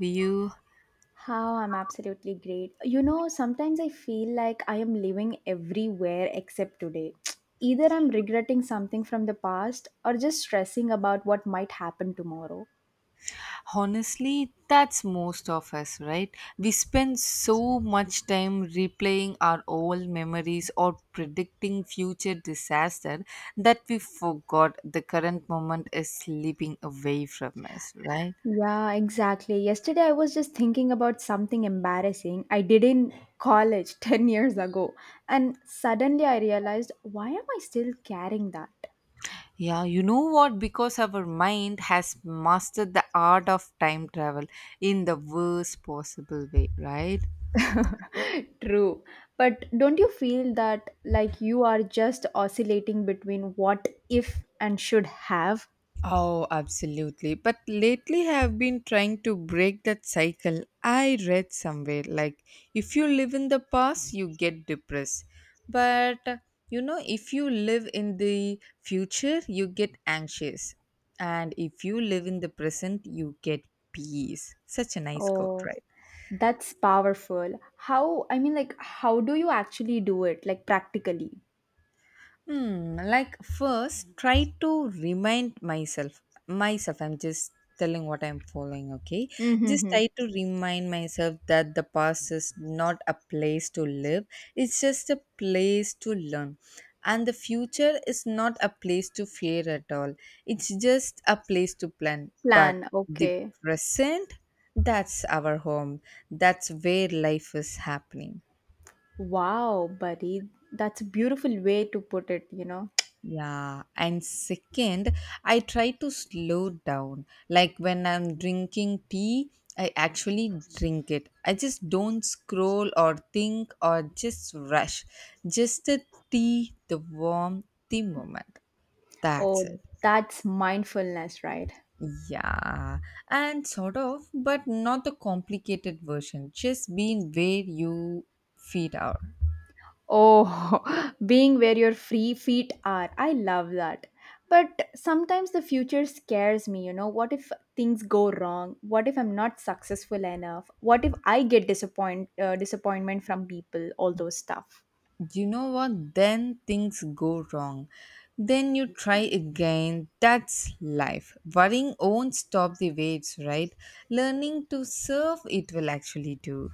you, How I'm absolutely great. You know, sometimes I feel like I am living everywhere except today. Either I'm regretting something from the past or just stressing about what might happen tomorrow. honestly, that's most of us, right? We spend so much time replaying our old memories or predicting future disaster that we forgot the current moment is slipping away from us, right? Yeah, exactly. Yesterday I was just thinking about something embarrassing I did in college 10 years ago, and suddenly I realized, why am I still carrying that? Yeah, you know what? Because our mind has mastered the art of time travel in the worst possible way, right? True. But don't you feel that, like, you are just oscillating between what if and should have? Oh, absolutely. But lately, I have been trying to break that cycle. I read somewhere, like, if you live in the past, you get depressed. But if you live in the future, you get anxious. And if you live in the present, you get peace. Such a nice quote, Oh, right? that's powerful. How, I mean, like, how do you actually do it, like, practically? Like, first, try to remind myself, I'm just telling what I'm following, okay. Just Mm-hmm. try to remind myself that the past is not a place to live, it's just a place to learn. And the future is not a place to fear at all, it's just a place to plan. But Plan. the Okay. present, that's our home, that's where life is happening. Wow, buddy. That's a beautiful way to put it, you know? Yeah, and second, I try to slow down. Like, when I'm drinking tea, I actually drink it. I just don't scroll or think or just rush. Just the tea, the warm tea moment. That's it. Oh, that's mindfulness, right? Yeah, and sort of, but not the complicated version. Just being where you feet are. Oh, being where your free feet are. I love that. But sometimes the future scares me, you know. What if things go wrong? What if I'm not successful enough? What if I get disappoint disappointment from people, all those stuff. You know what? Then things go wrong. Then you try again. That's life. Worrying won't stop the waves, right? Learning to surf it will actually do.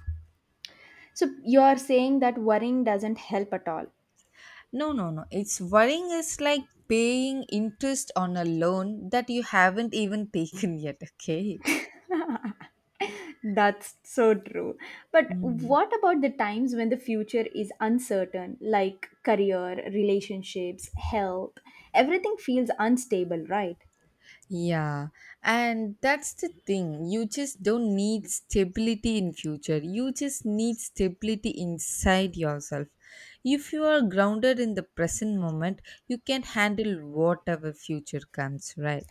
So you are saying that worrying doesn't help at all. No, no, no. It's worrying is like paying interest on a loan that you haven't even taken yet, okay? That's so true. But Mm. what about the times when the future is uncertain, like career, relationships, health? Everything feels unstable, right? Yeah, and that's the thing. You just don't need stability in future. You just need stability inside yourself. If you are grounded in the present moment, you can handle whatever future comes, right?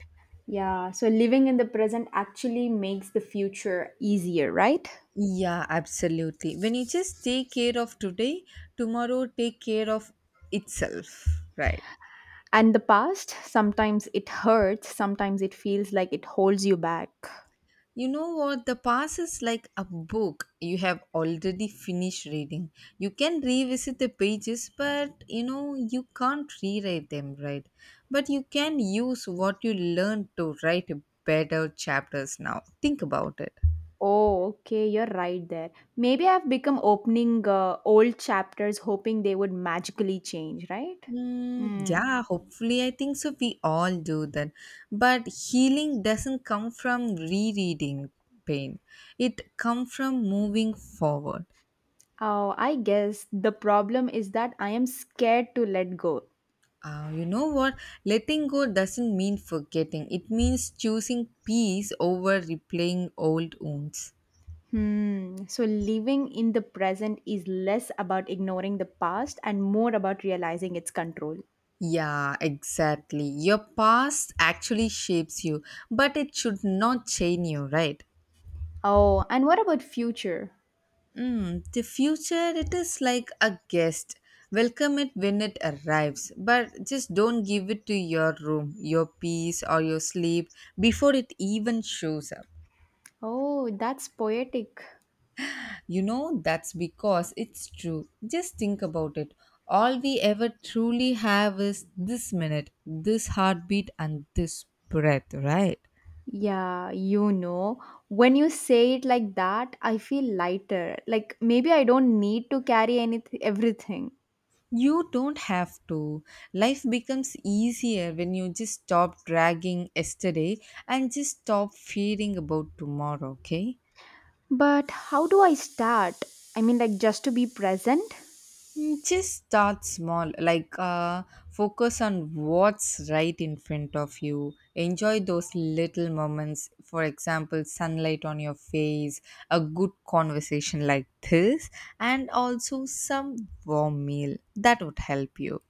Yeah, so living in the present actually makes the future easier, right? Yeah, absolutely. When you just take care of today, tomorrow take care of itself, right? And the past, sometimes it hurts, sometimes it feels like it holds you back. You know what? The past is like a book you have already finished reading. You can revisit the pages, but you know, you can't rewrite them, right? But you can use what you learned to write better chapters now. Think about it. Oh, okay, you're right there. Maybe I've become opening old chapters hoping they would magically change, right? Mm, Mm. yeah, hopefully, I think so. We all do that. But healing doesn't come from rereading pain, it comes from moving forward. Oh, I guess the problem is that I am scared to let go. You know what? Letting go doesn't mean forgetting. It means choosing peace over replaying old wounds. Hmm. So living in the present is less about ignoring the past and more about realizing its control. Yeah, exactly. Your past actually shapes you, but it should not chain you, right? Oh, and what about future? The future, it is like a guest. Welcome it when it arrives, but just don't give it to your room, your peace, or your sleep before it even shows up. Oh, that's poetic. You know, that's because it's true. Just think about it. All we ever truly have is this minute, this heartbeat, and this breath, right? Yeah, you know, when you say it like that, I feel lighter. Like maybe I don't need to carry anything, everything. You don't have to. Life becomes easier when you just stop dragging yesterday and just stop fearing about tomorrow, okay? But how do I start? I mean, like, just to be present? Just start small, like focus on what's right in front of you. Enjoy those little moments, for example, sunlight on your face, a good conversation like this, and also some warm meal. That would help you.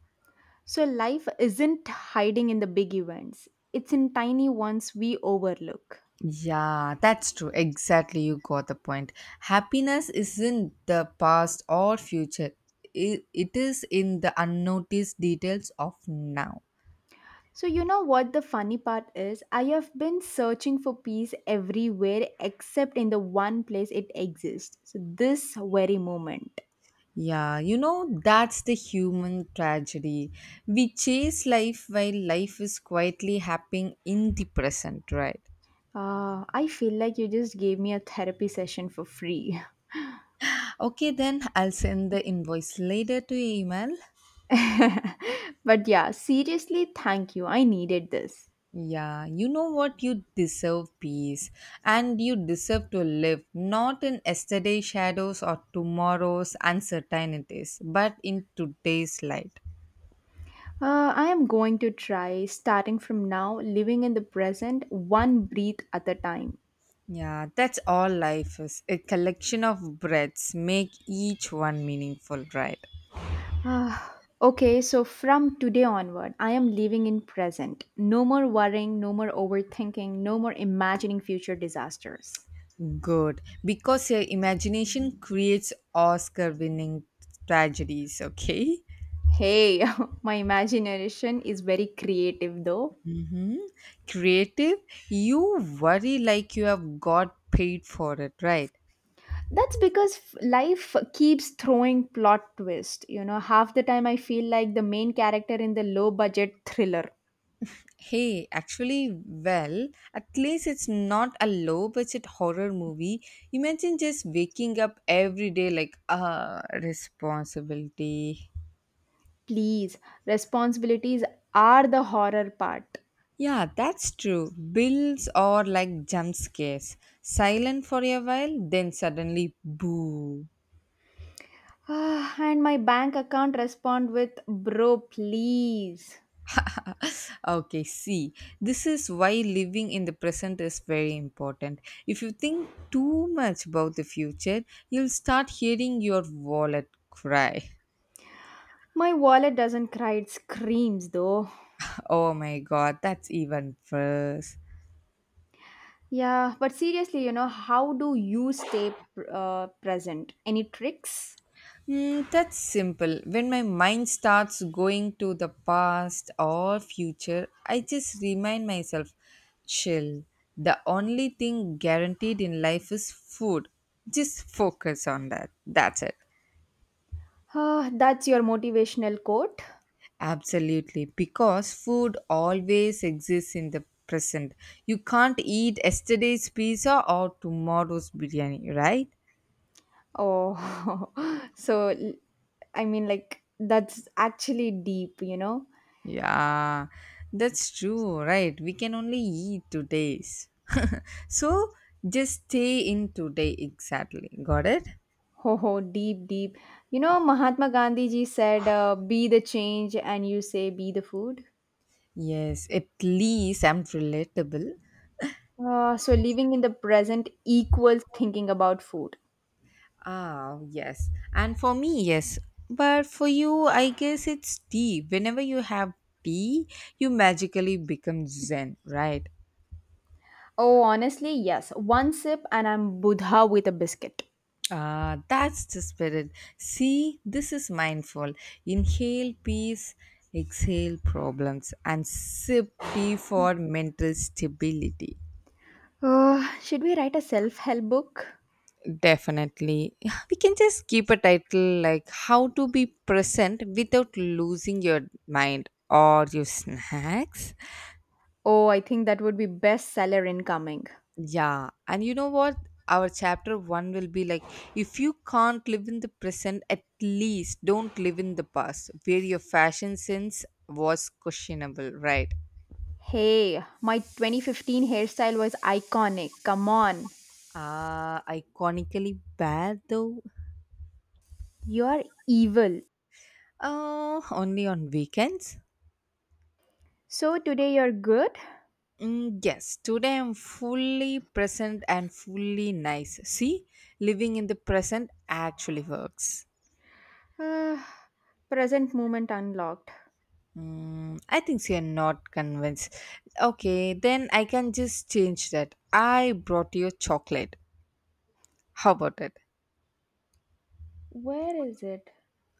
So life isn't hiding in the big events. It's in tiny ones we overlook. Yeah, that's true. Exactly, you got the point. Happiness isn't the past or future, it is in the unnoticed details of now. So, you know what the funny part is? I have been searching for peace everywhere except in the one place it exists. So, this very moment. Yeah, you know, that's the human tragedy. We chase life while life is quietly happening in the present, right? Ah, I feel like you just gave me a therapy session for free. Okay, then I'll send the invoice later to your email. But yeah, seriously, thank you. I needed this. Yeah, you know what? You deserve peace and you deserve to live not in yesterday's shadows or tomorrow's uncertainties, but in today's light. I am going to try starting from now, living in the present, one breath at a time. Yeah, that's all life is, a collection of breaths, make each one meaningful, right? Ah, okay, so from today onward, I am living in present. No more worrying, no more overthinking, no more imagining future disasters. Good. Because your imagination creates Oscar winning tragedies, okay? Hey, my imagination is very creative though. Hmm. Creative, you worry like you have got paid for it, right? Life keeps throwing plot twist. You know, half the time I feel like the main character in the low budget thriller. Hey, actually, well, at least it's not a low budget horror movie. Imagine just waking up every day like, ah, responsibility. Please, responsibilities are the horror part. Yeah, that's true. Bills are like jump scares. Silent for a while, then suddenly boo. Ah, and my bank account respond with, bro please. Okay, see, this is why living in the present is very important. If you think too much about the future, you'll start hearing your wallet cry. My wallet doesn't cry, it screams though. Oh my god, that's even worse. Yeah, but seriously, you know, how do you stay present? Any tricks? That's simple. When my mind starts going to the past or future, I just remind myself, chill. The only thing guaranteed in life is food. Just focus on that. That's it. That's your motivational quote. Absolutely. Because food always exists in the present. You can't eat yesterday's pizza or tomorrow's biryani, right? Oh, so l- I mean, like, that's actually deep, you know? Yeah, that's true, right? We can only eat 2 days, so just stay in today, exactly. Got it? Ho ho, deep, deep. You know, Mahatma Gandhi ji said, be the change, and you say, be the food. Yes, at least I'm relatable. So living in the present equals thinking about food. Ah, yes. And for me, yes. But for you, I guess it's tea. Whenever you have tea, you magically become zen, right? Oh, honestly, yes. One sip and I'm Buddha with a biscuit. Ah, that's the spirit. See, this is mindful. Inhale peace, exhale problems, and sip tea for mental stability. Should we write a self help book? Definitely. We can just keep a title like How to Be Present Without Losing Your Mind or Your Snacks. Oh, I think that would be bestseller incoming. Yeah, and you know what? Our chapter one will be like, if you can't live in the present, at least don't live in the past, where your fashion sense was questionable, right? Hey, my 2015 hairstyle was iconic. Come on. Ah, iconically bad though. You're evil. Oh, only on weekends. So today you're good? Yes, today I'm fully present and fully nice. See, living in the present actually works. Uh, Present moment unlocked. I think so you're not convinced. Okay, then I can just change that. I brought you chocolate. How about it? Where is it?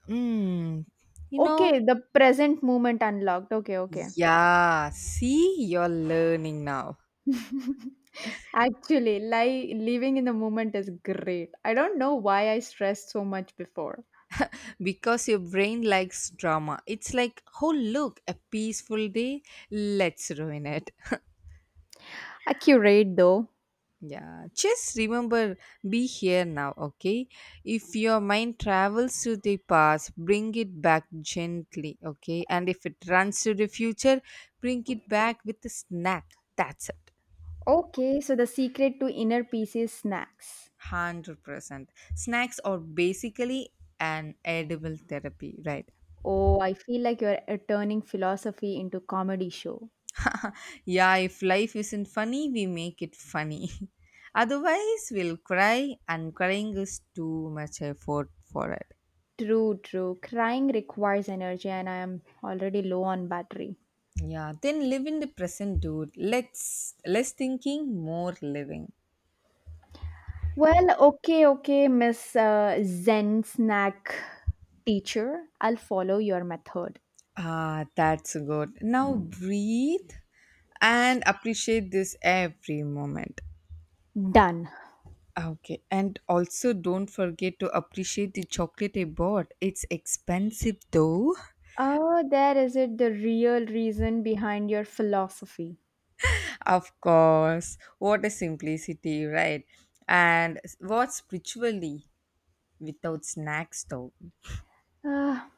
Mm, you know, Okay, the present moment unlocked. Okay, okay. yeah, see, you're learning now Actually, like, living in the moment is great. I don't know why I stressed so much before. because your brain likes drama. It's like, oh, look, a peaceful day. Let's ruin it. Accurate though. Yeah, just remember, be here now, okay? If your mind travels to the past, bring it back gently, okay? And if it runs to the future, bring it back with a snack. That's it. Okay, so the secret to inner peace is snacks. 100%. Snacks are basically an edible therapy, right? Oh, I feel like you're turning philosophy into comedy show. Yeah, if life isn't funny, we make it funny. Otherwise, we'll cry, and crying is too much effort for it. True, true. Crying requires energy and I am already low on battery. Yeah, then live in the present, dude. Let's less thinking, more living. Well, okay, okay, Miss Zen Snack Teacher. I'll follow your method. Ah, that's good. Now breathe and appreciate this every moment. Done. Okay, and also don't forget to appreciate the chocolate I bought. It's expensive though. Oh, there is it, the real reason behind your philosophy. Of course, what a simplicity, right? And what spiritually without snacks though? Ah,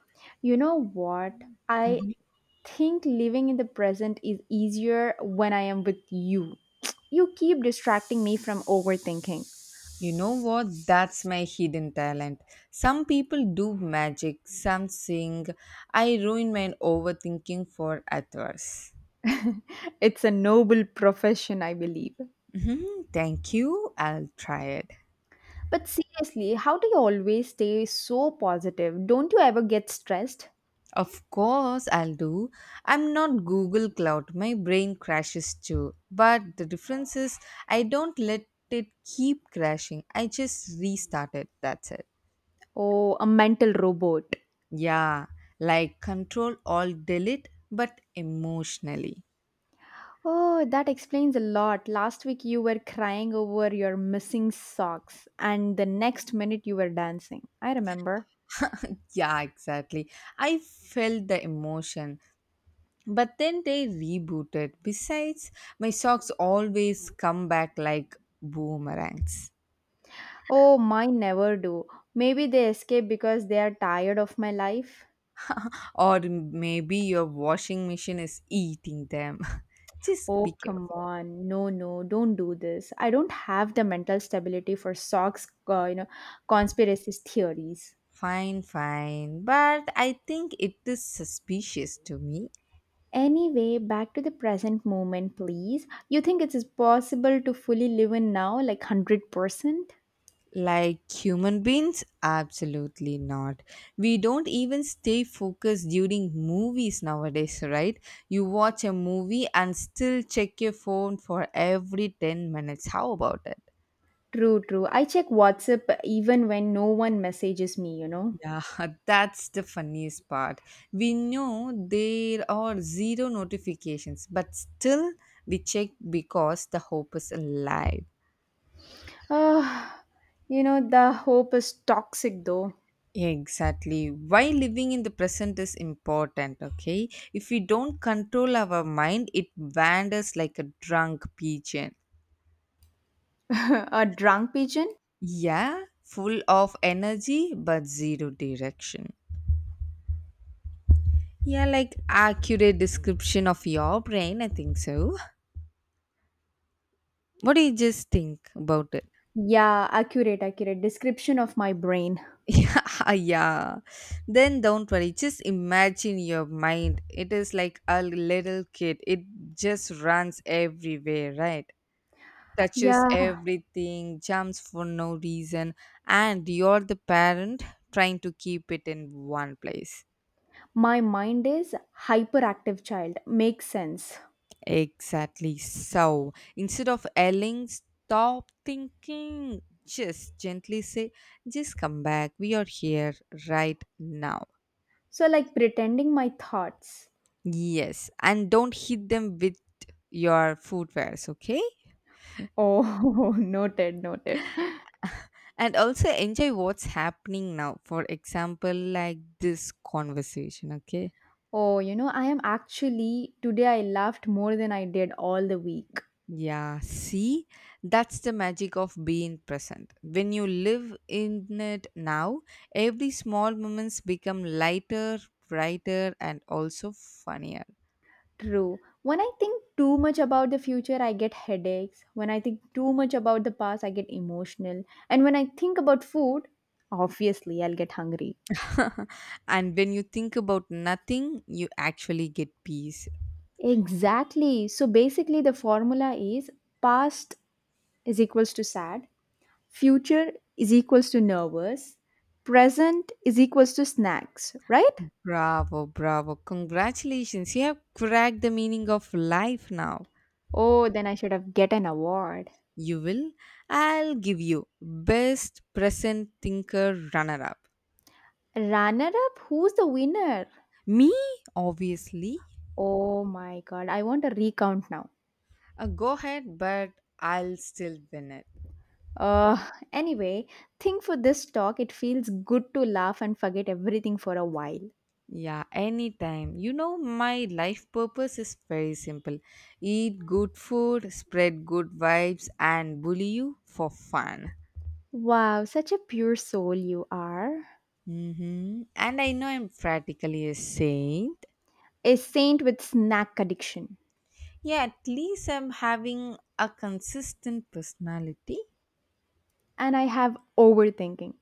you know what? I think living in the present is easier when I am with you. You keep distracting me from overthinking. You know what? That's my hidden talent. Some people do magic, some sing. I ruin my overthinking for others. It's a noble profession, I believe. Mhm, thank you. I'll try it. But seriously, how do you always stay so positive? Don't you ever get stressed? Of course, I'll do. I'm not Google Cloud. My brain crashes too. But the difference is, I don't let it keep crashing. I just restart it. That's it. Oh, a mental robot. Yeah, like control all delete, but emotionally. Oh, that explains a lot. Last week you were crying over your missing socks, and the next minute you were dancing. I remember. Yeah, exactly. I felt the emotion. But then they rebooted. Besides, my socks always come back like boomerangs. Oh, mine never do. Maybe they escape because they are tired of my life. Or maybe your washing machine is eating them. Just be Oh, come careful. on. No, no, don't do this. I don't have the mental stability for socks, you know, conspiracy theories. Fine, fine. But I think it is suspicious to me. Anyway, back to the present moment, please. You think it is possible to fully live in now, like 100%? Like human beings? Absolutely not. We don't even stay focused during movies nowadays, right? You watch a movie and still check your phone for every 10 minutes. How about it? True, true. I check WhatsApp even when no one messages me, you know. Yeah, that's the funniest part. We know there are zero notifications, but still we check because the hope is alive. Ah, you know, the hope is toxic though. Exactly. Why living in the present is important, okay? If we don't control our mind, it wanders like a drunk pigeon. A drunk pigeon? Yeah, full of energy but zero direction. Yeah, like accurate description of your brain, I think so. What do you just think about it? Yeah, accurate, accurate. Description of my brain. Yeah, yeah. Then don't worry. Just imagine your mind. It is like a little kid. It just runs everywhere, right? Touches Yeah, everything, jumps for no reason, and you're the parent trying to keep it in one place. my mind is hyperactive child. Makes sense. Exactly. So instead of yelling, stop thinking, just gently say, just come back. We are here right now. So like pretending my thoughts. Yes. And don't hit them with your footwears, okay? Oh, noted, noted. And also enjoy what's happening now. For example, like this conversation, okay? Oh, you know, I am actually today I laughed more than I did all the week. Yeah, see, that's the magic of being present. When you live in it now, every small moments become lighter, brighter, and also funnier. True. When I think too much about the future, I get headaches. When I think too much about the past, I get emotional. And when I think about food, obviously, I'll get hungry. And when you think about nothing, you actually get peace. Exactly. So basically, the formula is past is equals to sad, future is equals to nervous, present is equals to snacks, right? Bravo, bravo. Congratulations. You have cracked the meaning of life now. Oh, then I should have get an award. You will? I'll give you best present thinker runner up. Runner up, who's the winner? Me, obviously. Oh my god, I want a recount now. Go ahead, but I'll still win it. Uh, anyway, think for this talk, it feels good to laugh and forget everything for a while. Yeah, anytime. You know, my life purpose is very simple, eat good food, spread good vibes, and bully you for fun. Wow, such a pure soul you are. Mm-hmm. And I know I'm practically a saint. A saint with snack addiction. Yeah, at least I'm having a consistent personality. And I have overthinking.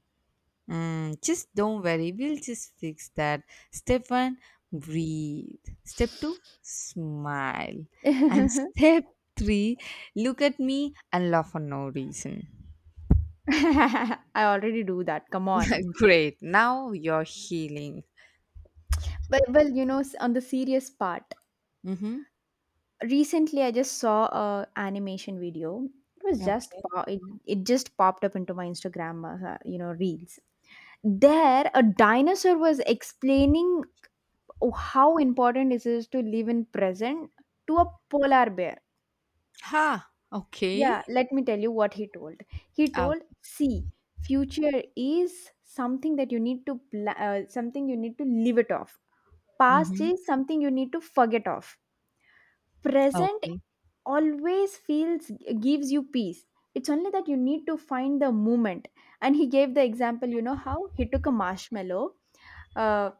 Just don't worry, we'll just fix that. Step one, breathe. Step two, smile. And I step three, look at me and laugh for no reason. already do that, come on. Great, now you're healing. But well, you know, on the serious part, Mm-hmm. recently I just saw a animation video. It was just Okay. it just popped up into my Instagram, you know, reels. There, a dinosaur was explaining, oh, how important it is to live in present to a polar bear. Ha, Yeah, okay. let me tell you what he told. He Oh, told, "See, future is something that you need to something you need to live it off. Past mm-hmm. is something you need to forget off. Present Okay. always feels gives you peace. It's only that you need to find the moment." And he gave the example, you know how he took a marshmallow. uh,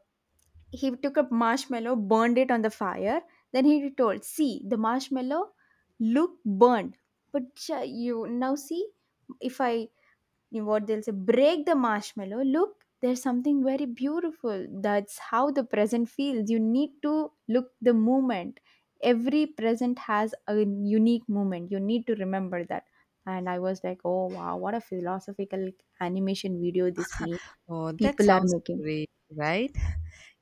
he took a marshmallow, burned it on the fire. Then he told, "See, the marshmallow look burned, but you now see if I you know what they'll say, break the marshmallow. Look, there's something very beautiful. That's how the present feels. You need to look the moment. Every present has a unique moment. You need to remember that." And I was like, "Oh wow, what a philosophical animation video this me Oh, that people are sounds making." great, right?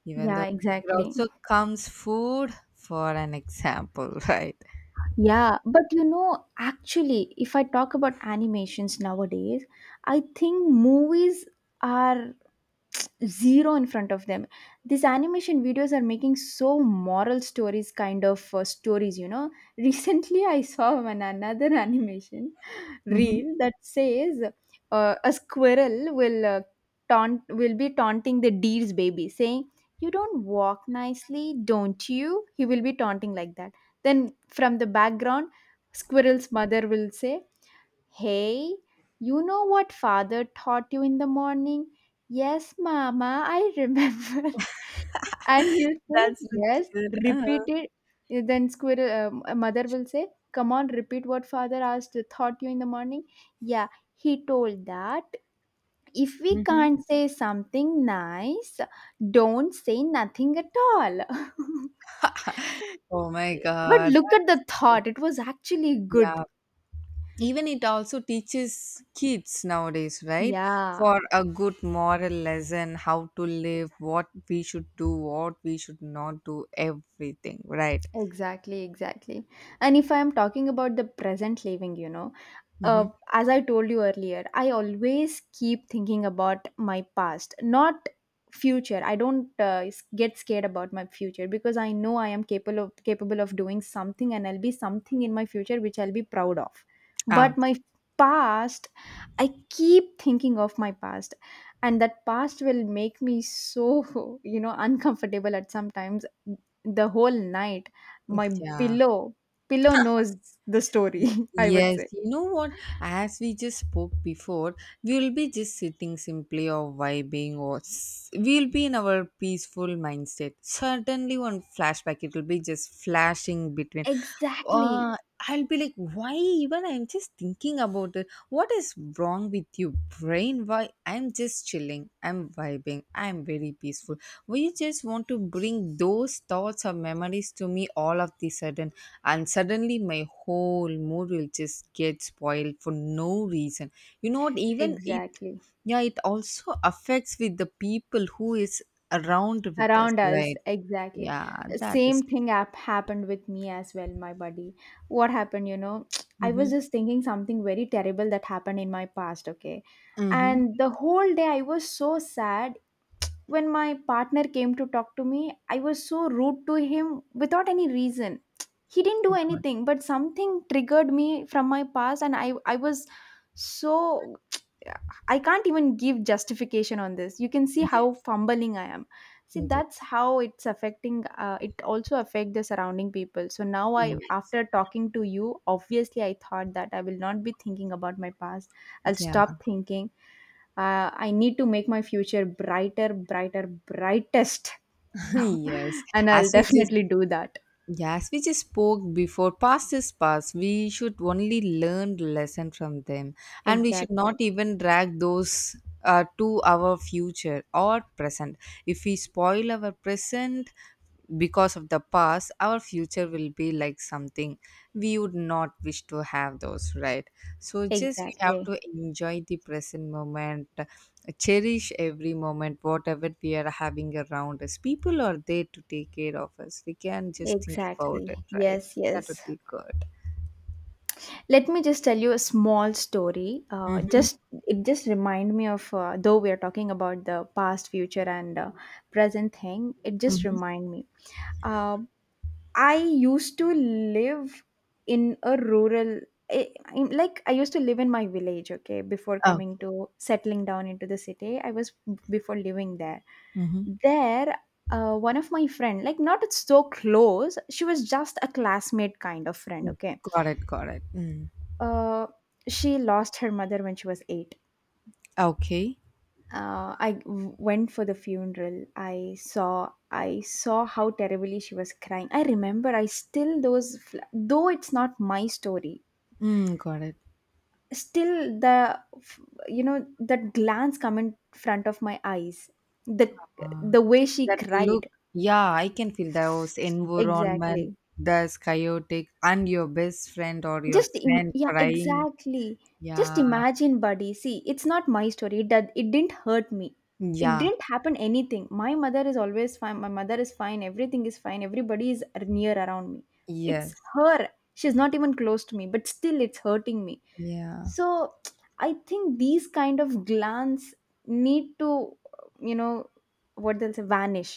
Even Yeah, though it exactly. also comes food for an example, right? Yeah, but you know, actually, if I talk about animations nowadays, I think movies are zero in front of them. These animation videos are making so moral stories kind of stories, you know. Recently, I saw one another animation Mm-hmm. reel that says a squirrel will taunt will be taunting the deer's baby, saying, you don't walk nicely, don't you? He will be taunting like that. Then from the background, squirrel's mother will say, hey, you know what father taught you in the morning? Yes, mama, I remember. And he'll That's say, the "Yes, kid. repeat it." Then squirrel mother will say, "Come on, repeat what father asked thought you in the morning." Yeah, he told that if we hmm can't say something nice, don't say nothing at all. Oh my But God. look at That the is, thought; it was actually good. yeah. Even it also teaches kids nowadays, right? Yeah. For a good moral lesson, how to live, what we should do, what we should not do, everything, right? Exactly, exactly. And if I am talking about the present living, you know, Mm-hmm. uh, as I told you earlier, I always keep thinking about my past, not future. I don't get scared about my future because I know I am capable of doing something, and I'll be something in my future which I'll be proud of. Ah, But my past, I keep thinking of my past, and that past will make me so you know, uncomfortable at sometimes. The whole night my yeah. pillow pillow knows the Y- story. I would Yes, say, you know what? As we just spoke before, we'll be just sitting simply or vibing, or we'll be in our peaceful mindset. Certainly, one flashback, it'll be just flashing between. exactly. Uh, I'll be like, why even I'm just thinking about it? What is wrong with you, brain? Why I'm just chilling, I'm vibing, I'm very peaceful. We just want to bring those thoughts or memories to me all of the sudden, and suddenly my whole mood will just get spoiled for no reason, you know what, even it. Exactly, Yeah, it also affects with the people who is around with us, around us, right? exactly. Yeah, that is Same thing difficult. Happened with me as well, my buddy. What happened, you know? I was Mm-hmm. just thinking something very terrible that happened in my past, okay, Mm-hmm. and the whole day I was so sad. When my partner came to talk to me, I was so rude to him without any reason. He didn't do Good. anything, but something triggered me from my past, and I was so. I can't even give justification on this. You can see how Yes. fumbling I am. See, Yes. that's how it's affecting. It also affect the surrounding people. So now I, Yes. after talking to you, obviously I thought that I will not be thinking about my past. I'll Yeah. stop thinking. I need to make my future brighter, brighter, brightest. yes. And I'll as you just definitely do that. Yes, we just spoke before. Past is past. We should only learn lesson from them, and we should Exactly. not even drag those, to our future or present. If we spoil our present because of the past, our future will be like something we would not wish to have those, right? So just we have Exactly. to enjoy the present moment, cherish every moment whatever we are having around us. People are there to take care of us. We can just think about Exactly. it, right? Yes, That yes. would be good. Let me just tell you a small story. Mm-hmm. Just It just remind me of, though we are talking about the past, future, and present thing. It just Mm-hmm. remind me. Uh, I used to live in a rural, I, I'm- like I used to live in my village, okay, before coming Okay. to settling down into the city. I was before living there. Mm-hmm. There, one of my friend, like not so close, she was just a classmate kind of friend, Mm, okay. got it, got it. Mm. Uh, she lost her mother when she was eight. Okay. I went for the funeral. I saw how terribly she was crying. I remember. I still, those though it's not my story. Mm, got it. Still the you know that glance come in front of my eyes. The Uh, the way she that look. cried, Yeah, I can feel those environment. exactly. That's chaotic, and your best friend or your friend Yeah, crying. exactly, just Yeah. imagine, buddy. See, it's not my story. It, did, it didn't hurt me. It Yeah. didn't happen anything. My mother is always fine. My mother is fine. Everything is fine. Everybody is near around me. It's Yes. her. She's not even close to me, but still it's hurting me. Yeah. So I think these kind of glance need to, you know, what they'll say, vanish.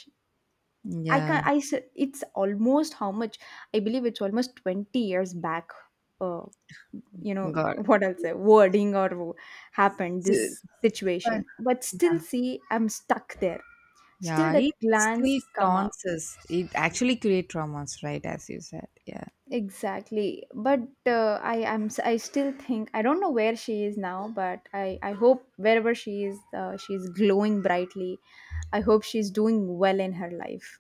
I can Yeah. not. It's almost, how much, I believe it's almost 20 years back. Uh, you know, got what else, wording or happened So, this but situation, but still yeah, see I'm stuck there. Still yeah, that it glance still come up taunts us. It actually creates traumas, right? As you said, yeah. exactly. But I am, I still think, I don't know where she is now, but I hope wherever she is, she's glowing brightly. I hope she's doing well in her life.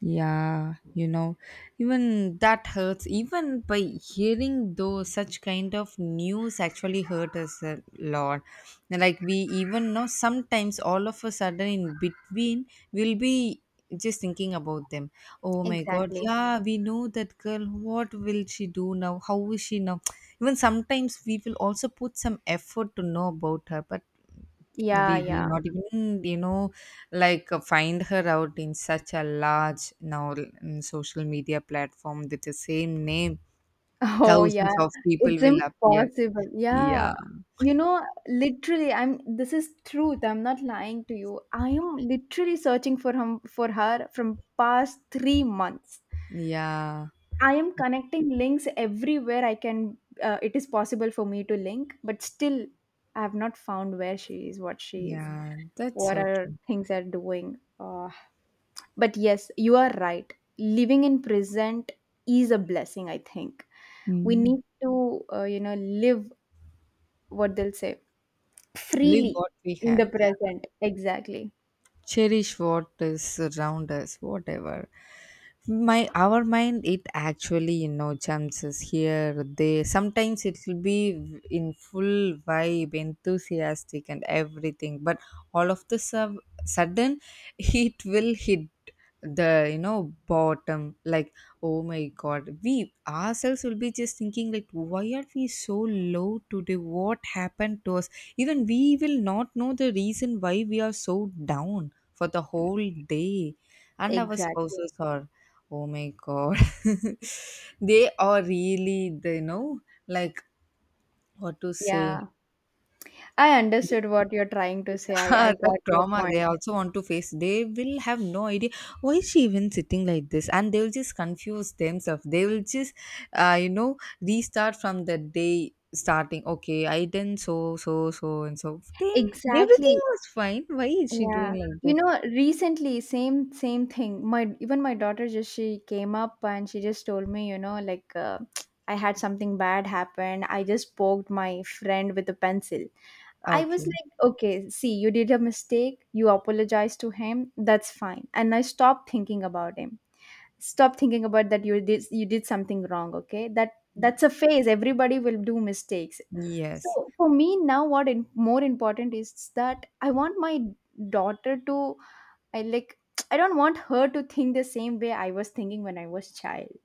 Yeah, you know, even that hurts. Even by hearing those such kind of news actually hurt us a lot. Like we even know, sometimes all of a sudden in between, we'll be just thinking about them. Oh my god, Exactly. yeah, we know that girl. What will she do now? How is she now? Even sometimes we will also put some effort to know about her, but Yeah, we will yeah. not even, you know, like find her out in such a large now, mm, social media platform. With the same name, Oh yeah, thousands of people it's will appear. impossible. Yeah. Yeah. You know, literally, I'm, this is truth. I'm not lying to you. I am literally searching for him, for her, from past 3 months. Yeah. I am connecting links everywhere I can. It is possible for me to link, but still I have not found where she is, Yeah, that's what so are true. things are doing. But yes, you are right. Living in present is a blessing, I think. We Mm. need to, you know, live, what they'll say, Live freely what we in the have. Yeah. present. Exactly, Cherish what is around us, whatever. My, our mind, it actually, you know, jumps us here there. Sometimes it will be in full vibe, enthusiastic and everything, but all of the sudden it will hit the, you know, bottom. Like, oh my god, we ourselves will be just thinking like, why are we so low today? What happened to us? Even we will not know the reason why we are so down for the whole day. And our exactly. spouses are, oh my god, they are really, they know, like, what to say. Yeah, I understood what you're trying to say. I The got your trauma they point. also want to face. They will have no idea why is she even sitting like this, and they will just confuse themselves. They will just, you know, restart from the day starting. Okay, I didn't, so so so and so. Then everything Exactly. was fine. Why is she Yeah, doing like you this? know, recently, same thing. My, even my daughter just, she came up and she just told me, you know, like, I had something bad happen. I just poked my friend with a pencil. I was Okay. like, okay, see, you did a mistake. You apologized to him. That's fine. And I stopped thinking about him. Stop thinking about that. You did something wrong, okay? That's a phase. Everybody will do mistakes. Yes. So for me now, what in, more important is that I want my daughter to, I like, I don't want her to think the same way I was thinking when I was child.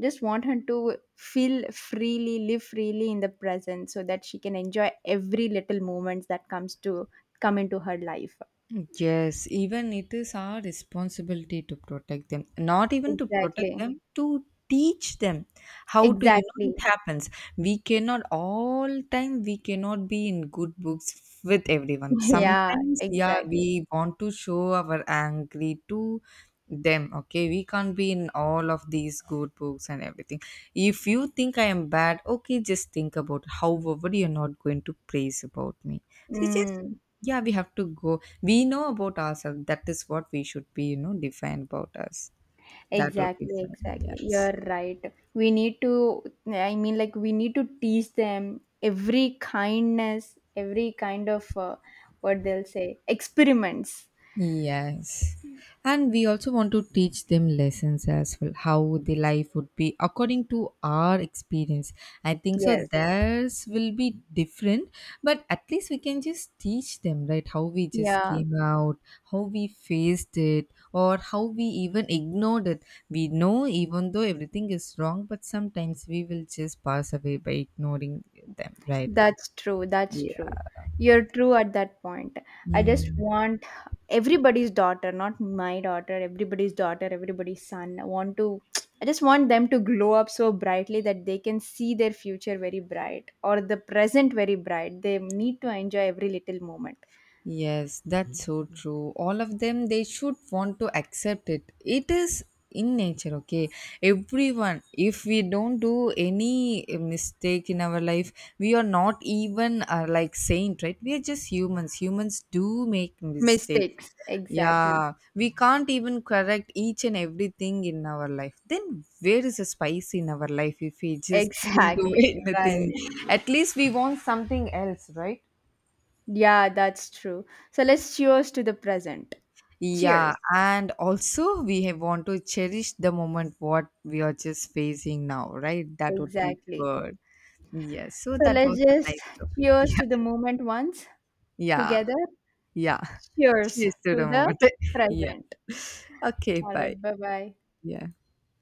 Just want her to feel freely, live freely in the present so that she can enjoy every little moments that come into her life. Yes, even it is our responsibility to protect them. Not even to protect Exactly. them, to teach them how to, you know, Exactly. it happens. We cannot all time, we cannot be in good books with everyone. Yeah, Sometimes, yeah, exactly. we want to show our angry to them. Okay, we can't be in all of these good books and everything. If you think I am bad, okay, just think about. However, you're not going to praise about me. See, just, Mm, yeah, we have to go. We know about ourselves. That is what we should be, you know, define about us. That would be exactly, fine. exactly. You're Yes. right. We need to, I mean, like, we need to teach them every kindness, every kind of, what they'll say, experiments. Yes. And we also want to teach them lessons as well, how the life would be according to our experience. I think so Yes. theirs will be different, but at least we can just teach them, right? How we just Yeah, came out, how we faced it, or how we even ignored it. We know even though everything is wrong, but sometimes we will just pass away by ignoring them, right? that's true. That's true. Yeah. You're true at that point. I just want everybody's daughter, not my daughter, everybody's son. I want to, I just want them to glow up so brightly that they can see their future very bright or the present very bright. They need to enjoy every little moment. Yes, that's so true. All of them, they should want to accept it. It is in nature, okay? Everyone, if we don't do any mistake in our life, we are not even like saint, right? We are just humans. Humans do make mistakes. Mistakes. Exactly. Yeah, we can't even correct each and everything in our life. Then where is the spice in our life if we just didn't do Exactly. Right. anything? At least we want something else, right? Yeah, that's true. So let's cheers to the present. Cheers. Yeah, and also we have want to cherish the moment what we are just facing now, right? That would be Exactly. good. Yes, so So that let's was a just nice topic. cheers Yeah, to the moment once yeah, together. yeah. Cheers Cheers to to the the moment. Yeah. present. Okay, All right. bye. Bye bye. Yeah.